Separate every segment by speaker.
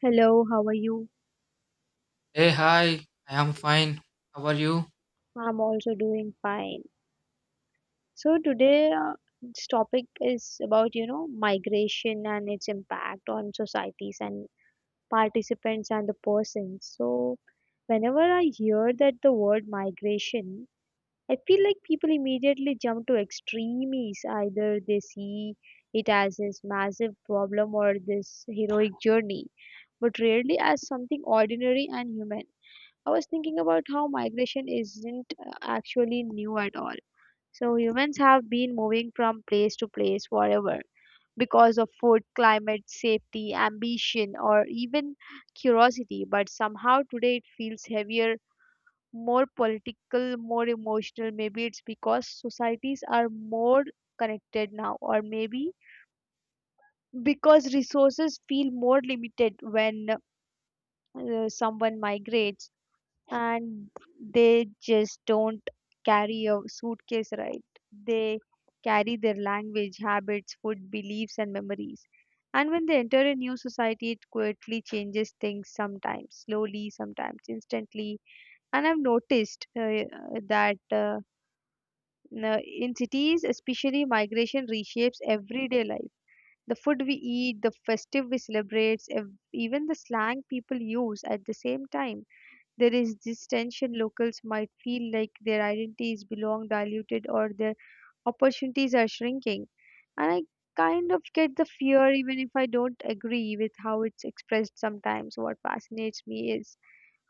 Speaker 1: Hello, how are you?
Speaker 2: Hey, hi, I am fine. How are you?
Speaker 1: I'm also doing fine. So today, this topic is about, you know, migration and its impact on societies and participants and the persons. So whenever I hear that the word migration, I feel like people immediately jump to extremes. Either they see it as this massive problem or this heroic journey, but rarely as something ordinary and human. I was thinking about how migration isn't actually new at all. So humans have been moving from place to place forever because of food, climate, safety, ambition, or even curiosity. But somehow today it feels heavier, more political, more emotional. Maybe it's because societies are more connected now, or maybe because resources feel more limited when someone migrates, and they just don't carry a suitcase, right? They carry their language, habits, food, beliefs, and memories. And when they enter a new society, it quietly changes things, sometimes slowly, sometimes instantly. And I've noticed that in cities especially, migration reshapes everyday life, the food we eat, the festive we celebrate, even the slang people use. At the same time, there is this tension, locals might feel like their identities belong diluted or their opportunities are shrinking. And I kind of get the fear, even if I don't agree with how it's expressed sometimes. What fascinates me is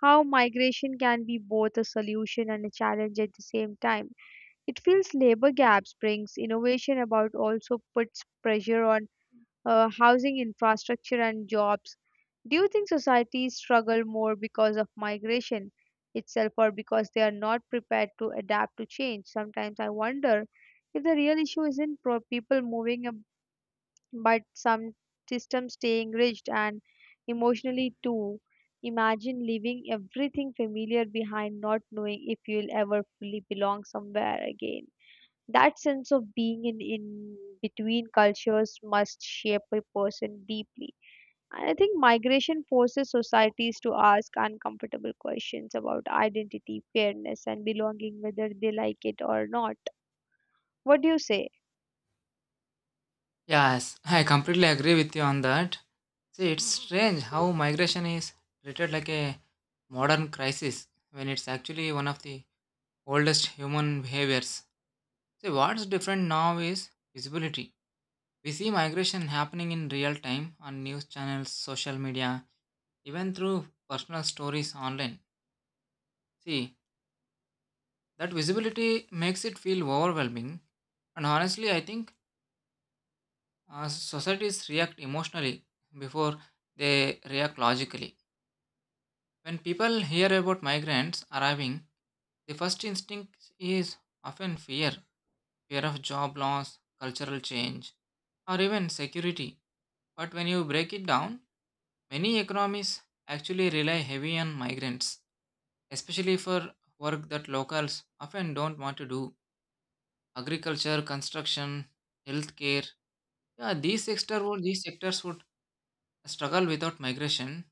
Speaker 1: how migration can be both a solution and a challenge at the same time. It feels labor gaps brings innovation about, also puts pressure on housing, infrastructure, and jobs. Do you think societies struggle more because of migration itself or because they are not prepared to adapt to change? Sometimes I wonder if the real issue isn't people moving but some systems staying rigid, and emotionally too. Imagine leaving everything familiar behind, not knowing if you'll ever fully belong somewhere again. That sense of being in between cultures must shape a person deeply. And I think migration forces societies to ask uncomfortable questions about identity, fairness, and belonging, whether they like it or not. What do you say?
Speaker 2: Yes, I completely agree with you on that. See, it's strange how migration is treated like a modern crisis when it's actually one of the oldest human behaviors. See, what's different now is visibility. We see migration happening in real time on news channels, social media, even through personal stories online. See, that visibility makes it feel overwhelming. And honestly, I think societies react emotionally before they react logically. When people hear about migrants arriving, the first instinct is often fear of job loss, cultural change, or even security. But when you break it down, many economies actually rely heavy on migrants, especially for work that locals often don't want to do agriculture, construction, healthcare. Yeah, these sectors would A struggle without migration,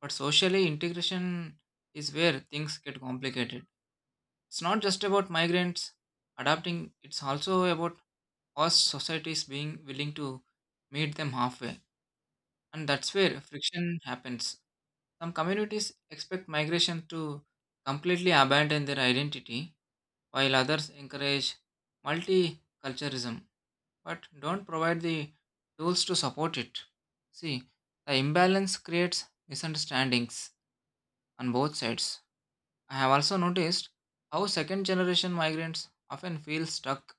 Speaker 2: but socially integration is where things get complicated. It's not just about migrants adapting, it's also about host societies being willing to meet them halfway. And that's where friction happens. Some communities expect migration to completely abandon their identity, while others encourage multiculturalism but don't provide the tools to support it. See, the imbalance creates misunderstandings on both sides. I have also noticed how second generation migrants often feel stuck.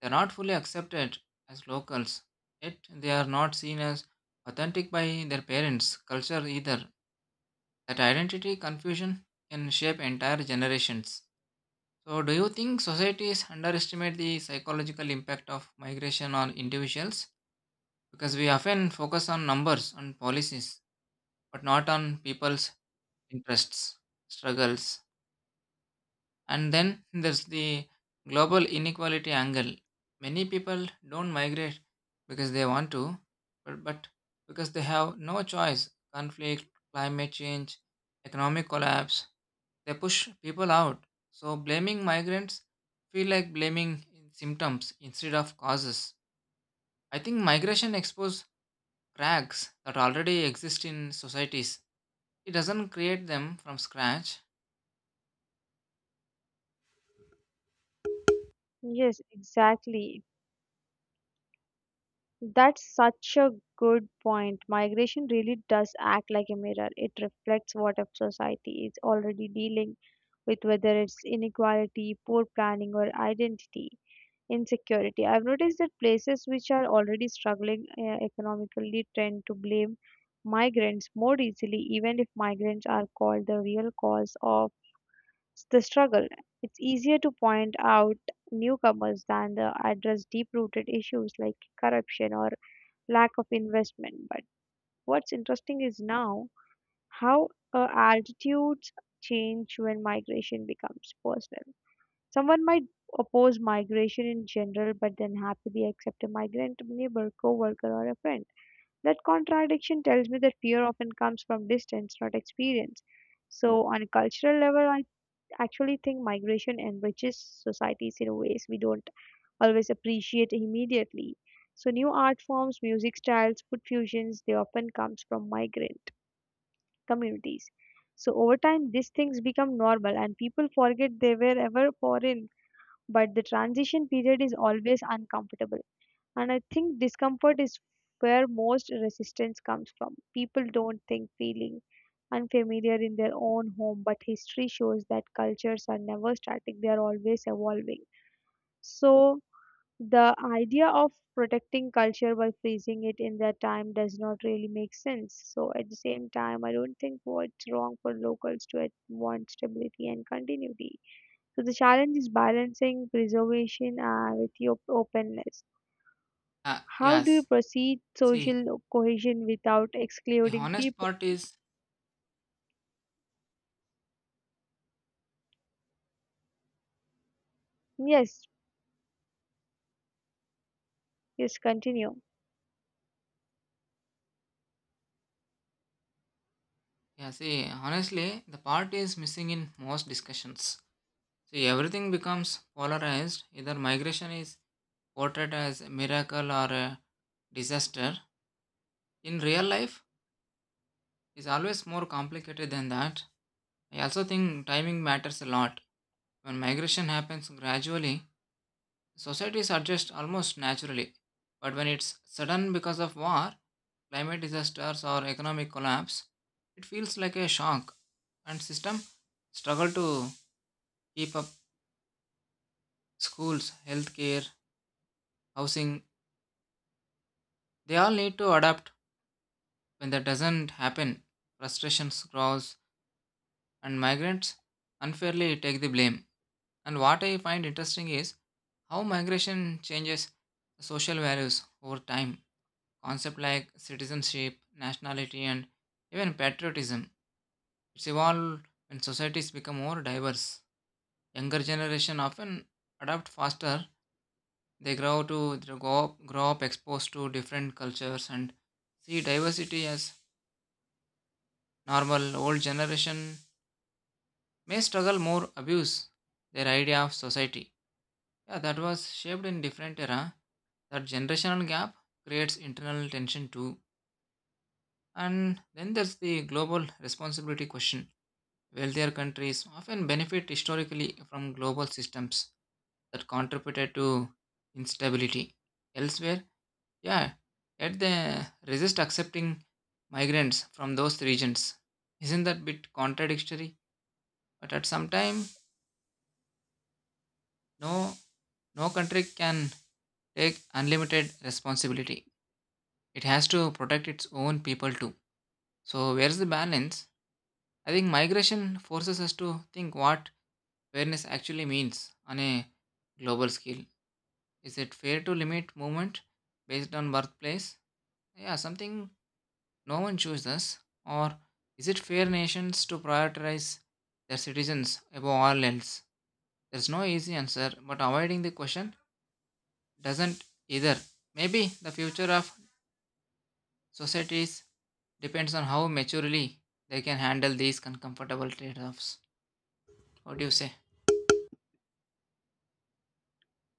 Speaker 2: They are not fully accepted as locals, yet they are not seen as authentic by their parents' culture either. That identity confusion can shape entire generations. So, do you think societies underestimate the psychological impact of migration on individuals? Because we often focus on numbers and policies, but not on people's interests, struggles. And then there's the global inequality angle. Many people don't migrate because they want to, but because they have no choice. Conflict, climate change, economic collapse, they push people out. So blaming migrants feel like blaming symptoms instead of causes. I think migration exposes cracks that already exist in societies. It doesn't create them from scratch.
Speaker 1: Yes, exactly. That's such a good point. Migration really does act like a mirror. It reflects what a society is already dealing with, whether it's inequality, poor planning, or identity. Insecurity. I've noticed that places which are already struggling economically tend to blame migrants more easily, even if migrants are called the real cause of the struggle. It's easier to point out newcomers than to address deep rooted issues like corruption or lack of investment. But what's interesting is now how attitudes change when migration becomes personal. Someone might oppose migration in general, but then happily accept a migrant neighbor, coworker, or a friend. That contradiction tells me that fear often comes from distance, not experience. So, on a cultural level, I actually think migration enriches societies in ways we don't always appreciate immediately. So, new art forms, music styles, food fusions, they often comes from migrant communities. So, over time, these things become normal, and people forget they were ever foreign, but the transition period is always uncomfortable. And I think discomfort is where most resistance comes from. People don't think feeling unfamiliar in their own home, but history shows that cultures are never static, they are always evolving. So, the idea of protecting culture by freezing it in that time does not really make sense. So, at the same time, I don't think what's wrong for locals to want stability and continuity. So the challenge is balancing preservation with your openness.
Speaker 2: Ah,
Speaker 1: How do you
Speaker 2: yes.
Speaker 1: proceed
Speaker 2: See,
Speaker 1: social cohesion without
Speaker 2: the
Speaker 1: excluding
Speaker 2: honest
Speaker 1: people?
Speaker 2: part is.
Speaker 1: Yes, yes, continue.
Speaker 2: Yeah, see, honestly, the part is missing in most discussions. See, everything becomes polarized. Either migration is portrayed as a miracle or a disaster. In real life, it's always more complicated than that. I also think timing matters a lot. When migration happens gradually, societies adjust almost naturally. But when it's sudden because of war, climate disasters, or economic collapse, it feels like a shock, and system struggle to keep up. Schools, healthcare, housing, they all need to adapt. When that doesn't happen, frustration grows and migrants unfairly take the blame. And what I find interesting is how migration changes social values over time. Concepts like citizenship, nationality, and even patriotism. It's evolved when societies become more diverse. Younger generation often adapt faster. They grow up exposed to different cultures and see diversity as normal. Old generation may struggle more abuse their idea of society. Yeah, that was shaped in different era. That generational gap creates internal tension too. And then there's the global responsibility question. Wealthier countries often benefit historically from global systems that contributed to instability. Elsewhere, yeah, yet they resist accepting migrants from those regions. Isn't that bit contradictory? But at some time, no, no country can take unlimited responsibility. It has to protect its own people too. So where's the balance? I think migration forces us to think what fairness actually means on a global scale. Is it fair to limit movement based on birthplace? Yeah, something no one chooses. Or is it fair nations to prioritize their citizens above all else? There's no easy answer, but avoiding the question doesn't either. Maybe the future of societies depends on how maturely they can handle these uncomfortable trade-offs. What do you say?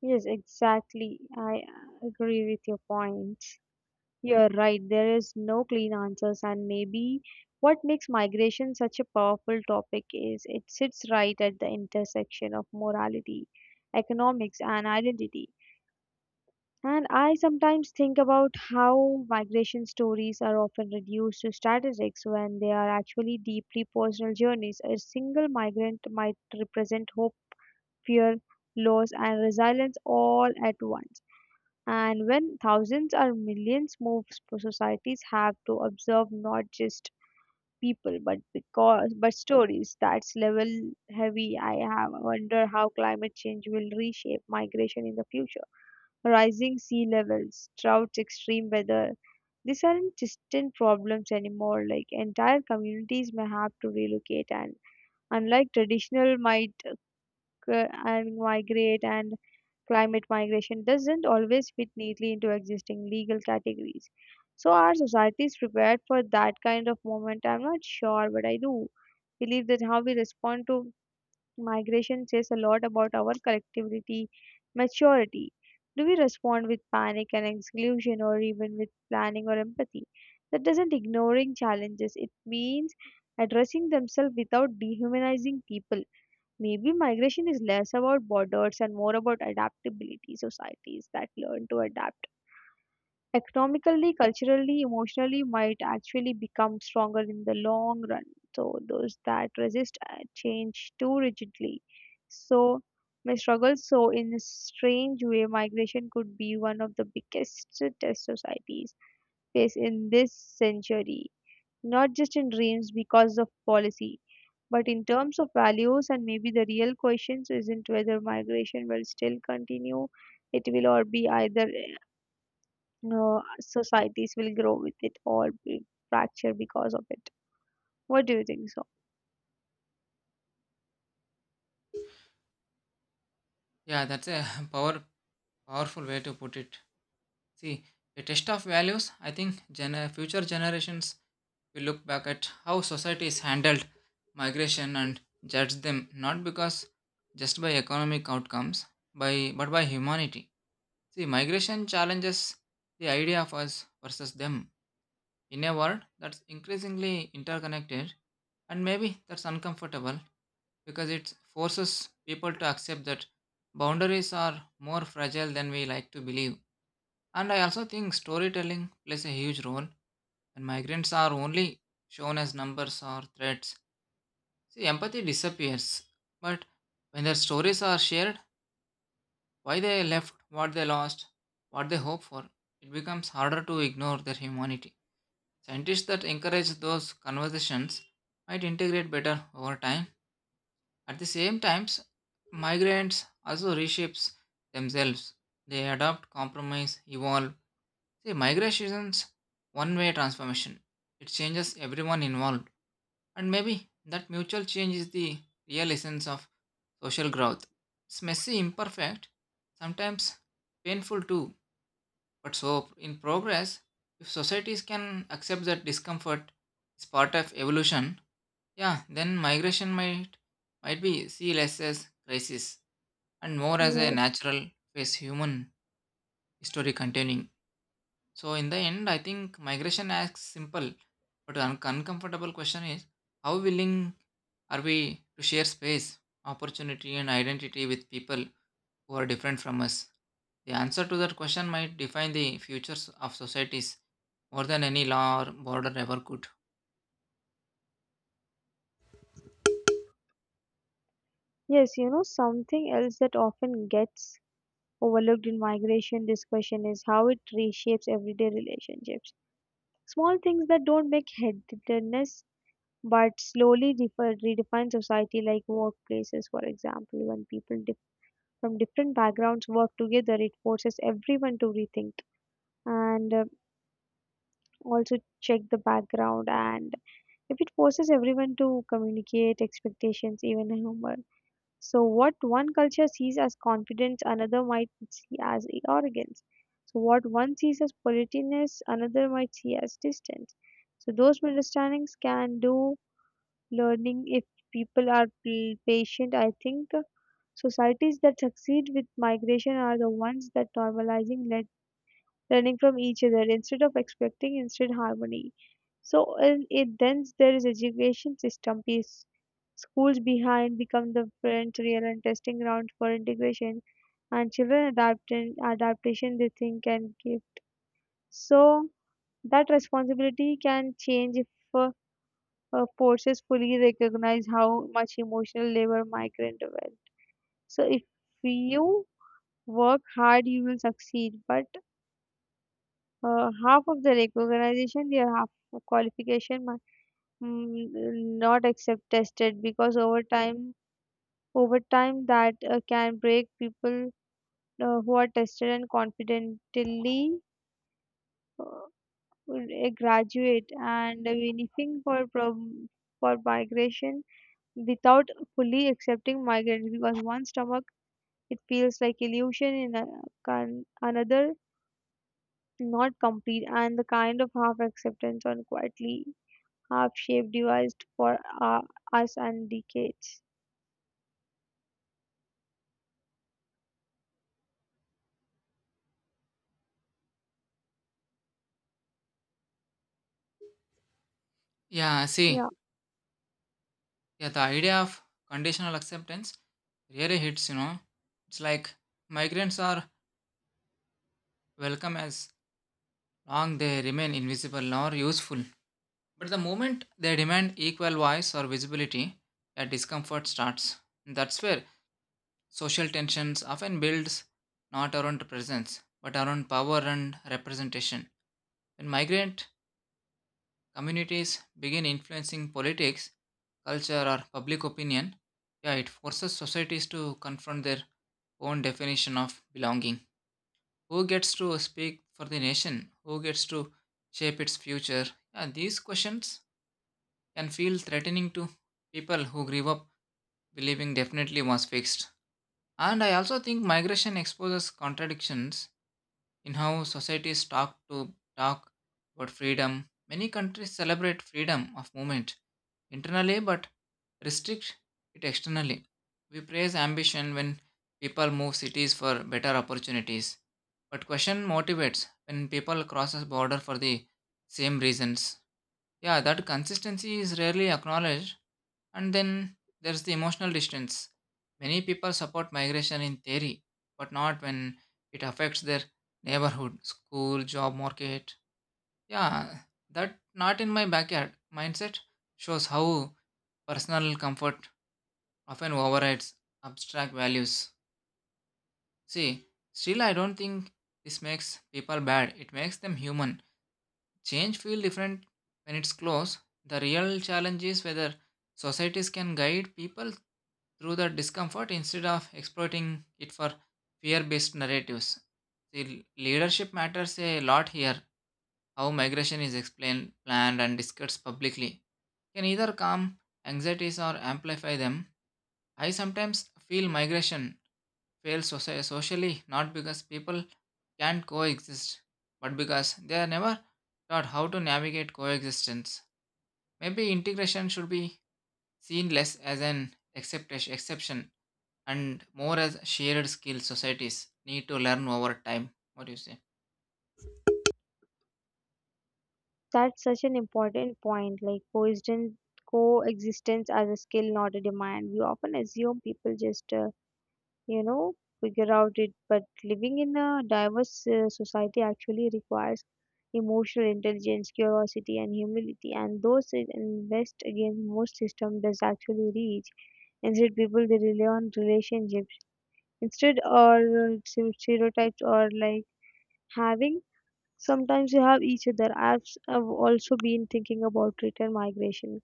Speaker 1: Yes, exactly. I agree with your point. You're right. There is no clean answers, and maybe what makes migration such a powerful topic is it sits right at the intersection of morality, economics, and identity. And I sometimes think about how migration stories are often reduced to statistics when they are actually deeply personal journeys. A single migrant might represent hope, fear, loss, and resilience all at once. And when thousands or millions move, societies have to observe not just people but because but stories that's level heavy. I have wonder how climate change will reshape migration in the future, rising sea levels, droughts, extreme weather. These aren't distant problems anymore. Like entire communities may have to relocate, and unlike traditional might occur and migrate, and climate migration doesn't always fit neatly into existing legal categories. So our society is prepared for that kind of moment. I'm not sure, but I do believe that how we respond to migration says a lot about our collectivity maturity. Do we respond with panic and exclusion or even with planning or empathy? That doesn't ignoring challenges. It means addressing themselves without dehumanizing people. Maybe migration is less about borders and more about adaptability, societies that learn to adapt economically, culturally, emotionally might actually become stronger in the long run. So those that resist change too rigidly. So my struggle. So in a strange way, migration could be one of the biggest test societies face in this century. Not just in dreams because of policy, but in terms of values, and maybe the real questions isn't whether migration will still continue. It will or be either societies will grow with it or be fracture because of it. What do you think so?
Speaker 2: Yeah, that's a power powerful way to put it. See, a test of values. I think future generations will look back at how societies handled migration and judge them not because just by economic outcomes, by but by humanity. See, migration challenges the idea of us versus them in a world that's increasingly interconnected, and maybe that's uncomfortable because it forces people to accept that boundaries are more fragile than we like to believe. And I also think storytelling plays a huge role when migrants are only shown as numbers or threats. See, empathy disappears, but when their stories are shared, why they left, what they lost, what they hope for, it becomes harder to ignore their humanity. Scientists that encourage those conversations might integrate better over time. At the same times, migrants also reshapes themselves. They adopt, compromise, evolve. See, migrations one-way transformation. It changes everyone involved. And maybe that mutual change is the real essence of social growth. It's messy, imperfect, sometimes painful too, but so, in progress, if societies can accept that discomfort is part of evolution, yeah, then migration might be seen less as crisis and more as a
Speaker 1: Yes.
Speaker 2: natural phase human history containing. So, in the end, I think migration asks simple but uncomfortable question is how willing are we to share space, opportunity, and identity with people who are different from us? The answer to that question might define the futures of societies more than any law or border ever could.
Speaker 1: Yes, you know, something else that often gets overlooked in migration discussion is how it reshapes everyday relationships. Small things that don't make headedness but slowly redefine society like workplaces, for example. When people from different backgrounds work together, it forces everyone to rethink and also check the background, and if it forces everyone to communicate expectations, even humor. So, what one culture sees as confidence, another might see as arrogance. So, what one sees as politeness, another might see as distance. So, those misunderstandings can do learning if people are patient. I think societies that succeed with migration are the ones that normalizing learning from each other instead of expecting instant harmony. So in it then there is education system piece. Schools behind become the front real and testing ground for integration, and children adapt and adaptation they think and give. So that responsibility can change if uh, forces fully recognize how much emotional labor migrant went. So if you work hard, you will succeed. But half of the recognition, the half of qualification might mm, not accept tested because over time that can break people who are tested and confidently uh, will, graduate and benefiting for for migration without fully accepting migrants because one stomach it feels like illusion in a, can, another not complete, and the kind of half acceptance on quietly have shaped devised for us and decades.
Speaker 2: Yeah,
Speaker 1: Yeah,
Speaker 2: see, yeah, the idea of conditional acceptance really hits. It's like migrants are welcome as long they remain invisible or useful. But the moment they demand equal voice or visibility, that discomfort starts. That's where social tensions often builds not around presence, but around power and representation. When migrant communities begin influencing politics, culture, or public opinion, yeah, it forces societies to confront their own definition of belonging. Who gets to speak for the nation? Who gets to shape its future? Yeah, these questions can feel threatening to people who grew up believing definitely was fixed. And I also think migration exposes contradictions in how societies talk about freedom. Many countries celebrate freedom of movement internally but restrict it externally. We praise ambition when people move cities for better opportunities, but question motivates when people cross a border for the same reasons. Yeah, that consistency is rarely acknowledged. And then there's the emotional distance. Many people support migration in theory, but not when it affects their neighborhood, school, job market. Yeah, that not in my backyard mindset shows how personal comfort often overrides abstract values. See, still, I don't think this makes people bad, it makes them human. Change feel different when it's close. The real challenge is whether societies can guide people through the discomfort instead of exploiting it for fear-based narratives. The leadership matters a lot here. How migration is explained, planned, and discussed publicly can either calm anxieties or amplify them. I sometimes feel migration fails socially not because people can't coexist, but because they are never taught how to navigate coexistence. Maybe integration should be seen less as an exception and more as shared skill societies need to learn over time. What do you say?
Speaker 1: that's such an important point. Like coexistence as a skill, not a demand. We often assume people just, you know, figure out it, but living in a diverse society actually requires emotional intelligence, curiosity, and humility. And those it invest against most system does actually reach. Instead, people they rely on relationships instead or stereotypes or like having sometimes you have each other. I've also been thinking about return migration,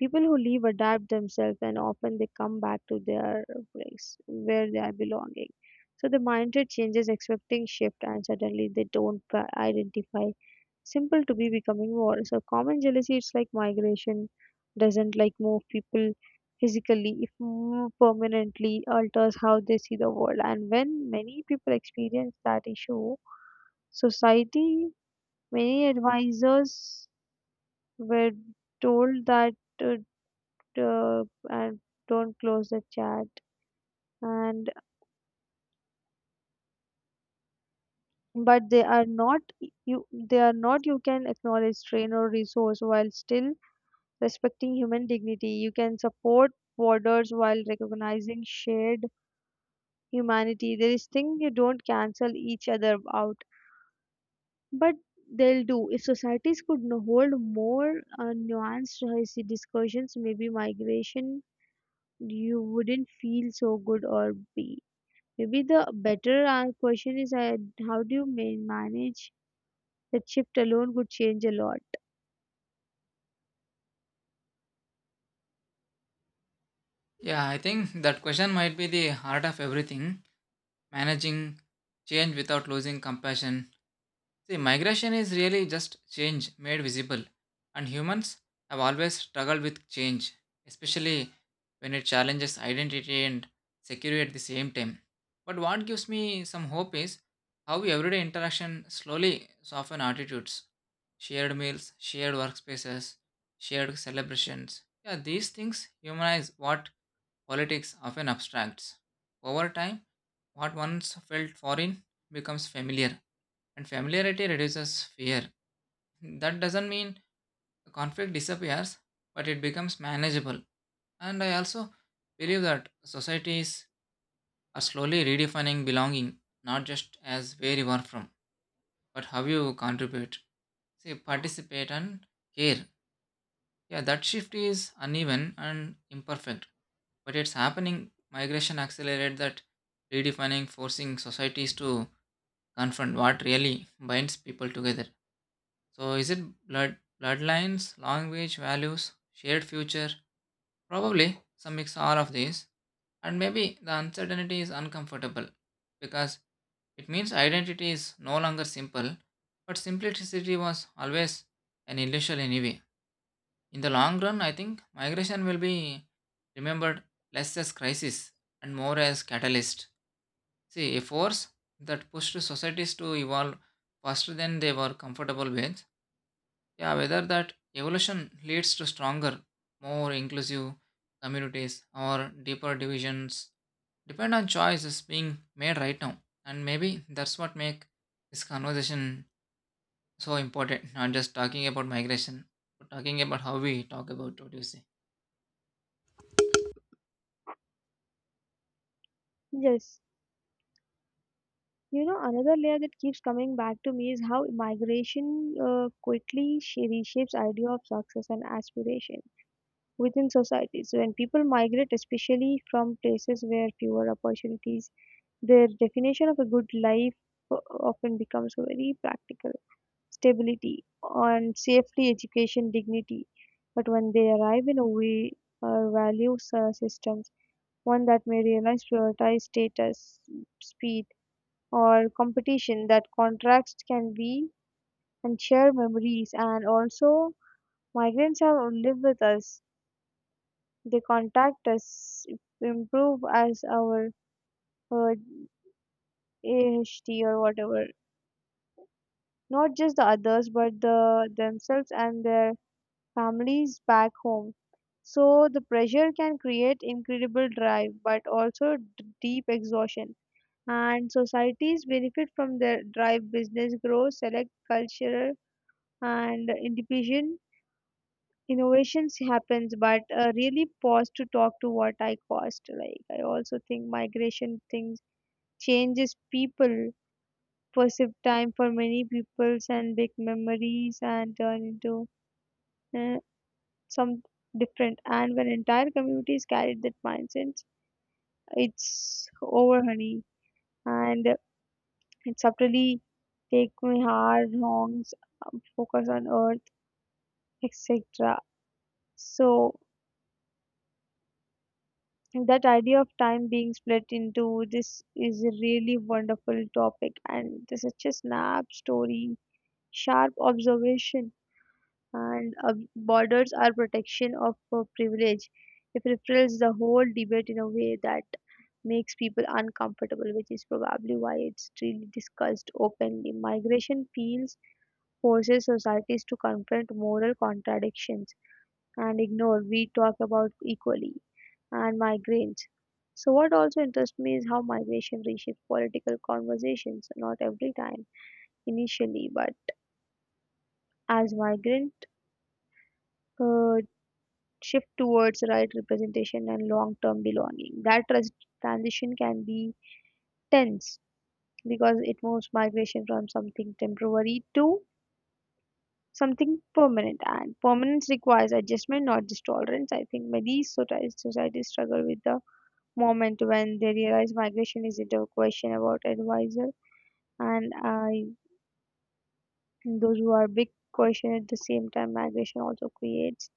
Speaker 1: people who leave adapt themselves and often they come back to their place where they are belonging. So the mindset changes expecting shift and suddenly they don't identify simple to be becoming more so common jealousy. It's like migration doesn't like move people physically if more permanently alters how they see the world, and when many people experience that issue society. Many advisors were told that uh, and don't close the chat, and but they are not you, they are not you, can acknowledge train or resource while still respecting human dignity. You can support borders while recognizing shared humanity. There is thing you don't cancel each other out, but they'll do if societies could hold more nuanced discussions. Maybe migration you wouldn't feel so good or be, maybe the better our question is, how do you manage that shift alone could change a lot.
Speaker 2: Yeah, I think that question might be the heart of everything. Managing change without losing compassion. See, migration is really just change made visible, and humans have always struggled with change, especially when it challenges identity and security at the same time. But what gives me some hope is how everyday interaction slowly soften attitudes. Shared meals, shared workspaces, shared celebrations. Yeah, these things humanize what politics often abstracts. Over time, what once felt foreign becomes familiar, and familiarity reduces fear. That doesn't mean the conflict disappears, but it becomes manageable. And I also believe that societies are slowly redefining belonging, not just as where you are from, but how you contribute, say, participate, and care. Yeah, that shift is uneven and imperfect, but it's happening. Migration accelerated that redefining, forcing societies to confront what really binds people together. So, is it blood, bloodlines, language, values, shared future? Probably some mix all of these. And maybe the uncertainty is uncomfortable because it means identity is no longer simple, but simplicity was always an illusion anyway. In the long run, I think migration will be remembered less as crisis and more as catalyst. See, a force that pushed societies to evolve faster than they were comfortable with. Yeah, whether that evolution leads to stronger, more inclusive communities or deeper divisions depend on choices being made right now. And maybe that's what makes this conversation so important. Not just talking about migration, but talking about how we talk about what you say.
Speaker 1: Yes, you know, another layer that keeps coming back to me is how migration quickly reshapes idea of success and aspiration within societies. When people migrate, especially from places where fewer opportunities, their definition of a good life often becomes very practical. Stability and safety, education, dignity. But when they arrive in a way or values systems, one that may realize prioritize status, speed, or competition, that contracts can be and share memories. And also, migrants have lived with us. They contact us, improve as our uh, AHT or whatever. Not just the others, but the themselves and their families back home. So the pressure can create incredible drive but also deep exhaustion. And societies benefit from the drive business grows, select culture and individual innovations happens, but really pause to talk to what I cost. Like I also think migration things changes people perceive time for many peoples and big memories and turn into uh, some different, and when entire communities carried that mindset it's over honey, and it subtly take my heart wrongs, focus on earth, etc. So that idea of time being split into this is a really wonderful topic and this such a snap story sharp observation, and borders are protection of privilege. It reframes the whole debate in a way that makes people uncomfortable, which is probably why it's really discussed openly. Migration feels forces societies to confront moral contradictions and ignore we talk about equally and migrants. So what also interests me is how migration reshapes political conversations. Not every time initially, but as migrant. Uh, shift towards right representation and long term belonging. That transition can be tense because it moves migration from something temporary to something permanent, and permanence requires adjustment, not just tolerance. I think many societies struggle with the moment when they realize migration isn't a question about advisor, and I, those who are big question. At the same time, migration also creates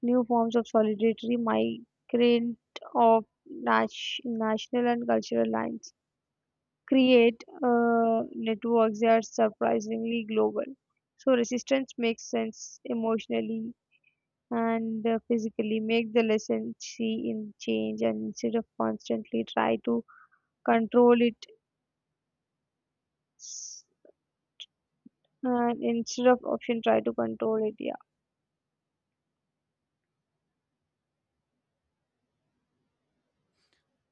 Speaker 1: new forms of solidarity migrant of national and cultural lines, create networks that are surprisingly global. So resistance makes sense emotionally and physically. Make the lesson see in change, and instead of constantly try to control it, s- and instead of option try to control it. Yeah.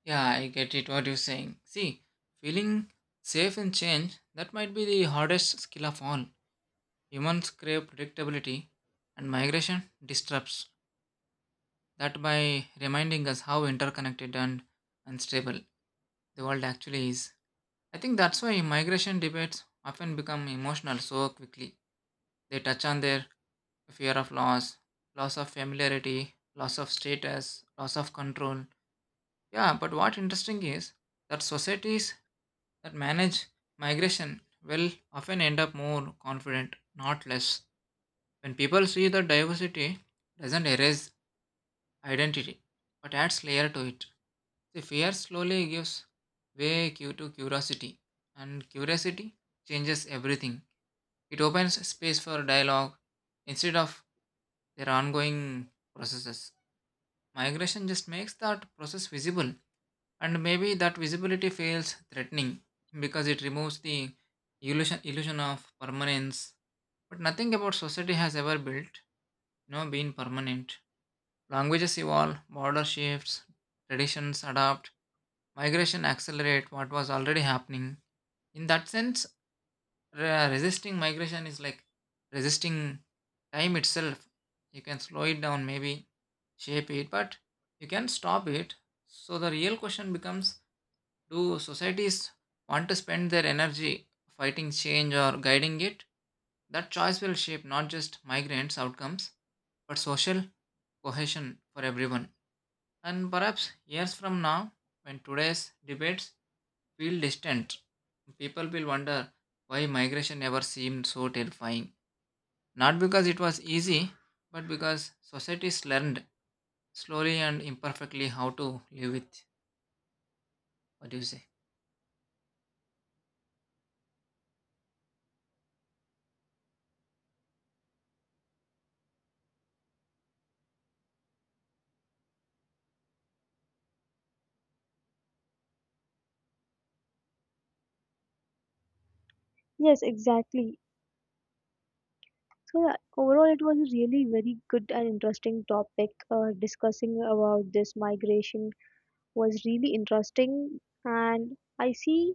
Speaker 2: Yeah, I get it what you're saying. See, feeling safe in change, that might be the hardest skill of all. Humans crave predictability, and migration disrupts that by reminding us how interconnected and unstable the world actually is. I think that's why migration debates often become emotional so quickly. They touch on their fear of loss, loss of familiarity, loss of status, loss of control. Yeah, but what interesting is that societies that manage migration will often end up more confident, not less. When people see that diversity doesn't erase identity but adds layer to it. See, fear slowly gives way to curiosity, and curiosity changes everything. It opens space for dialogue instead of their ongoing processes. Migration just makes that process visible, and maybe that visibility feels threatening because it removes the illusion of permanence. But nothing about society has ever built, been permanent. Languages evolve, border shifts, traditions adapt, migration accelerate what was already happening. In that sense, resisting migration is like resisting time itself. You can slow it down, maybe shape it, but you can stop it. So the real question becomes do societies want to spend their energy fighting change or guiding it? That choice will shape not just migrants' outcomes, but social cohesion for everyone. And perhaps years from now, when today's debates feel distant, people will wonder why migration ever seemed so terrifying. Not because it was easy, but because societies learned slowly and imperfectly how to live with. What do you say?
Speaker 1: Yes, exactly. So yeah, overall, it was a really very good and interesting topic. Discussing about this migration was really interesting, and I see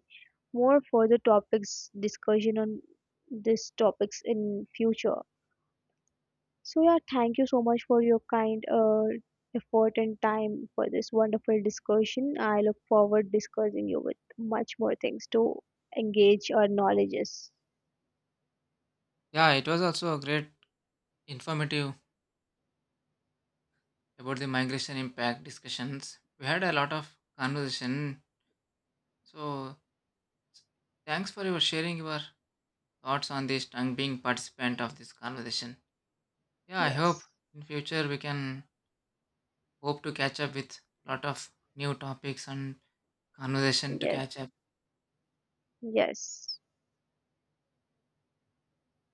Speaker 1: more further topics discussion on these topics in future. So yeah, thank you so much for your kind effort and time for this wonderful discussion. I look forward discussing you with much more things to engage our knowledges.
Speaker 2: Yeah, it was also a great informative about the migration impact discussions. We had a lot of conversation. So thanks for your sharing your thoughts on this and being participant of this conversation. Yeah, I hope
Speaker 1: Yes,
Speaker 2: in future we can hope to catch up with lot of new topics and conversation to
Speaker 1: yes,
Speaker 2: catch up.
Speaker 1: yes.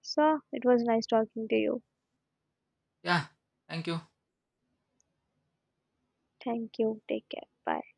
Speaker 1: So, it was nice talking to you.
Speaker 2: Yeah, thank you.
Speaker 1: Thank you. Take care. Bye.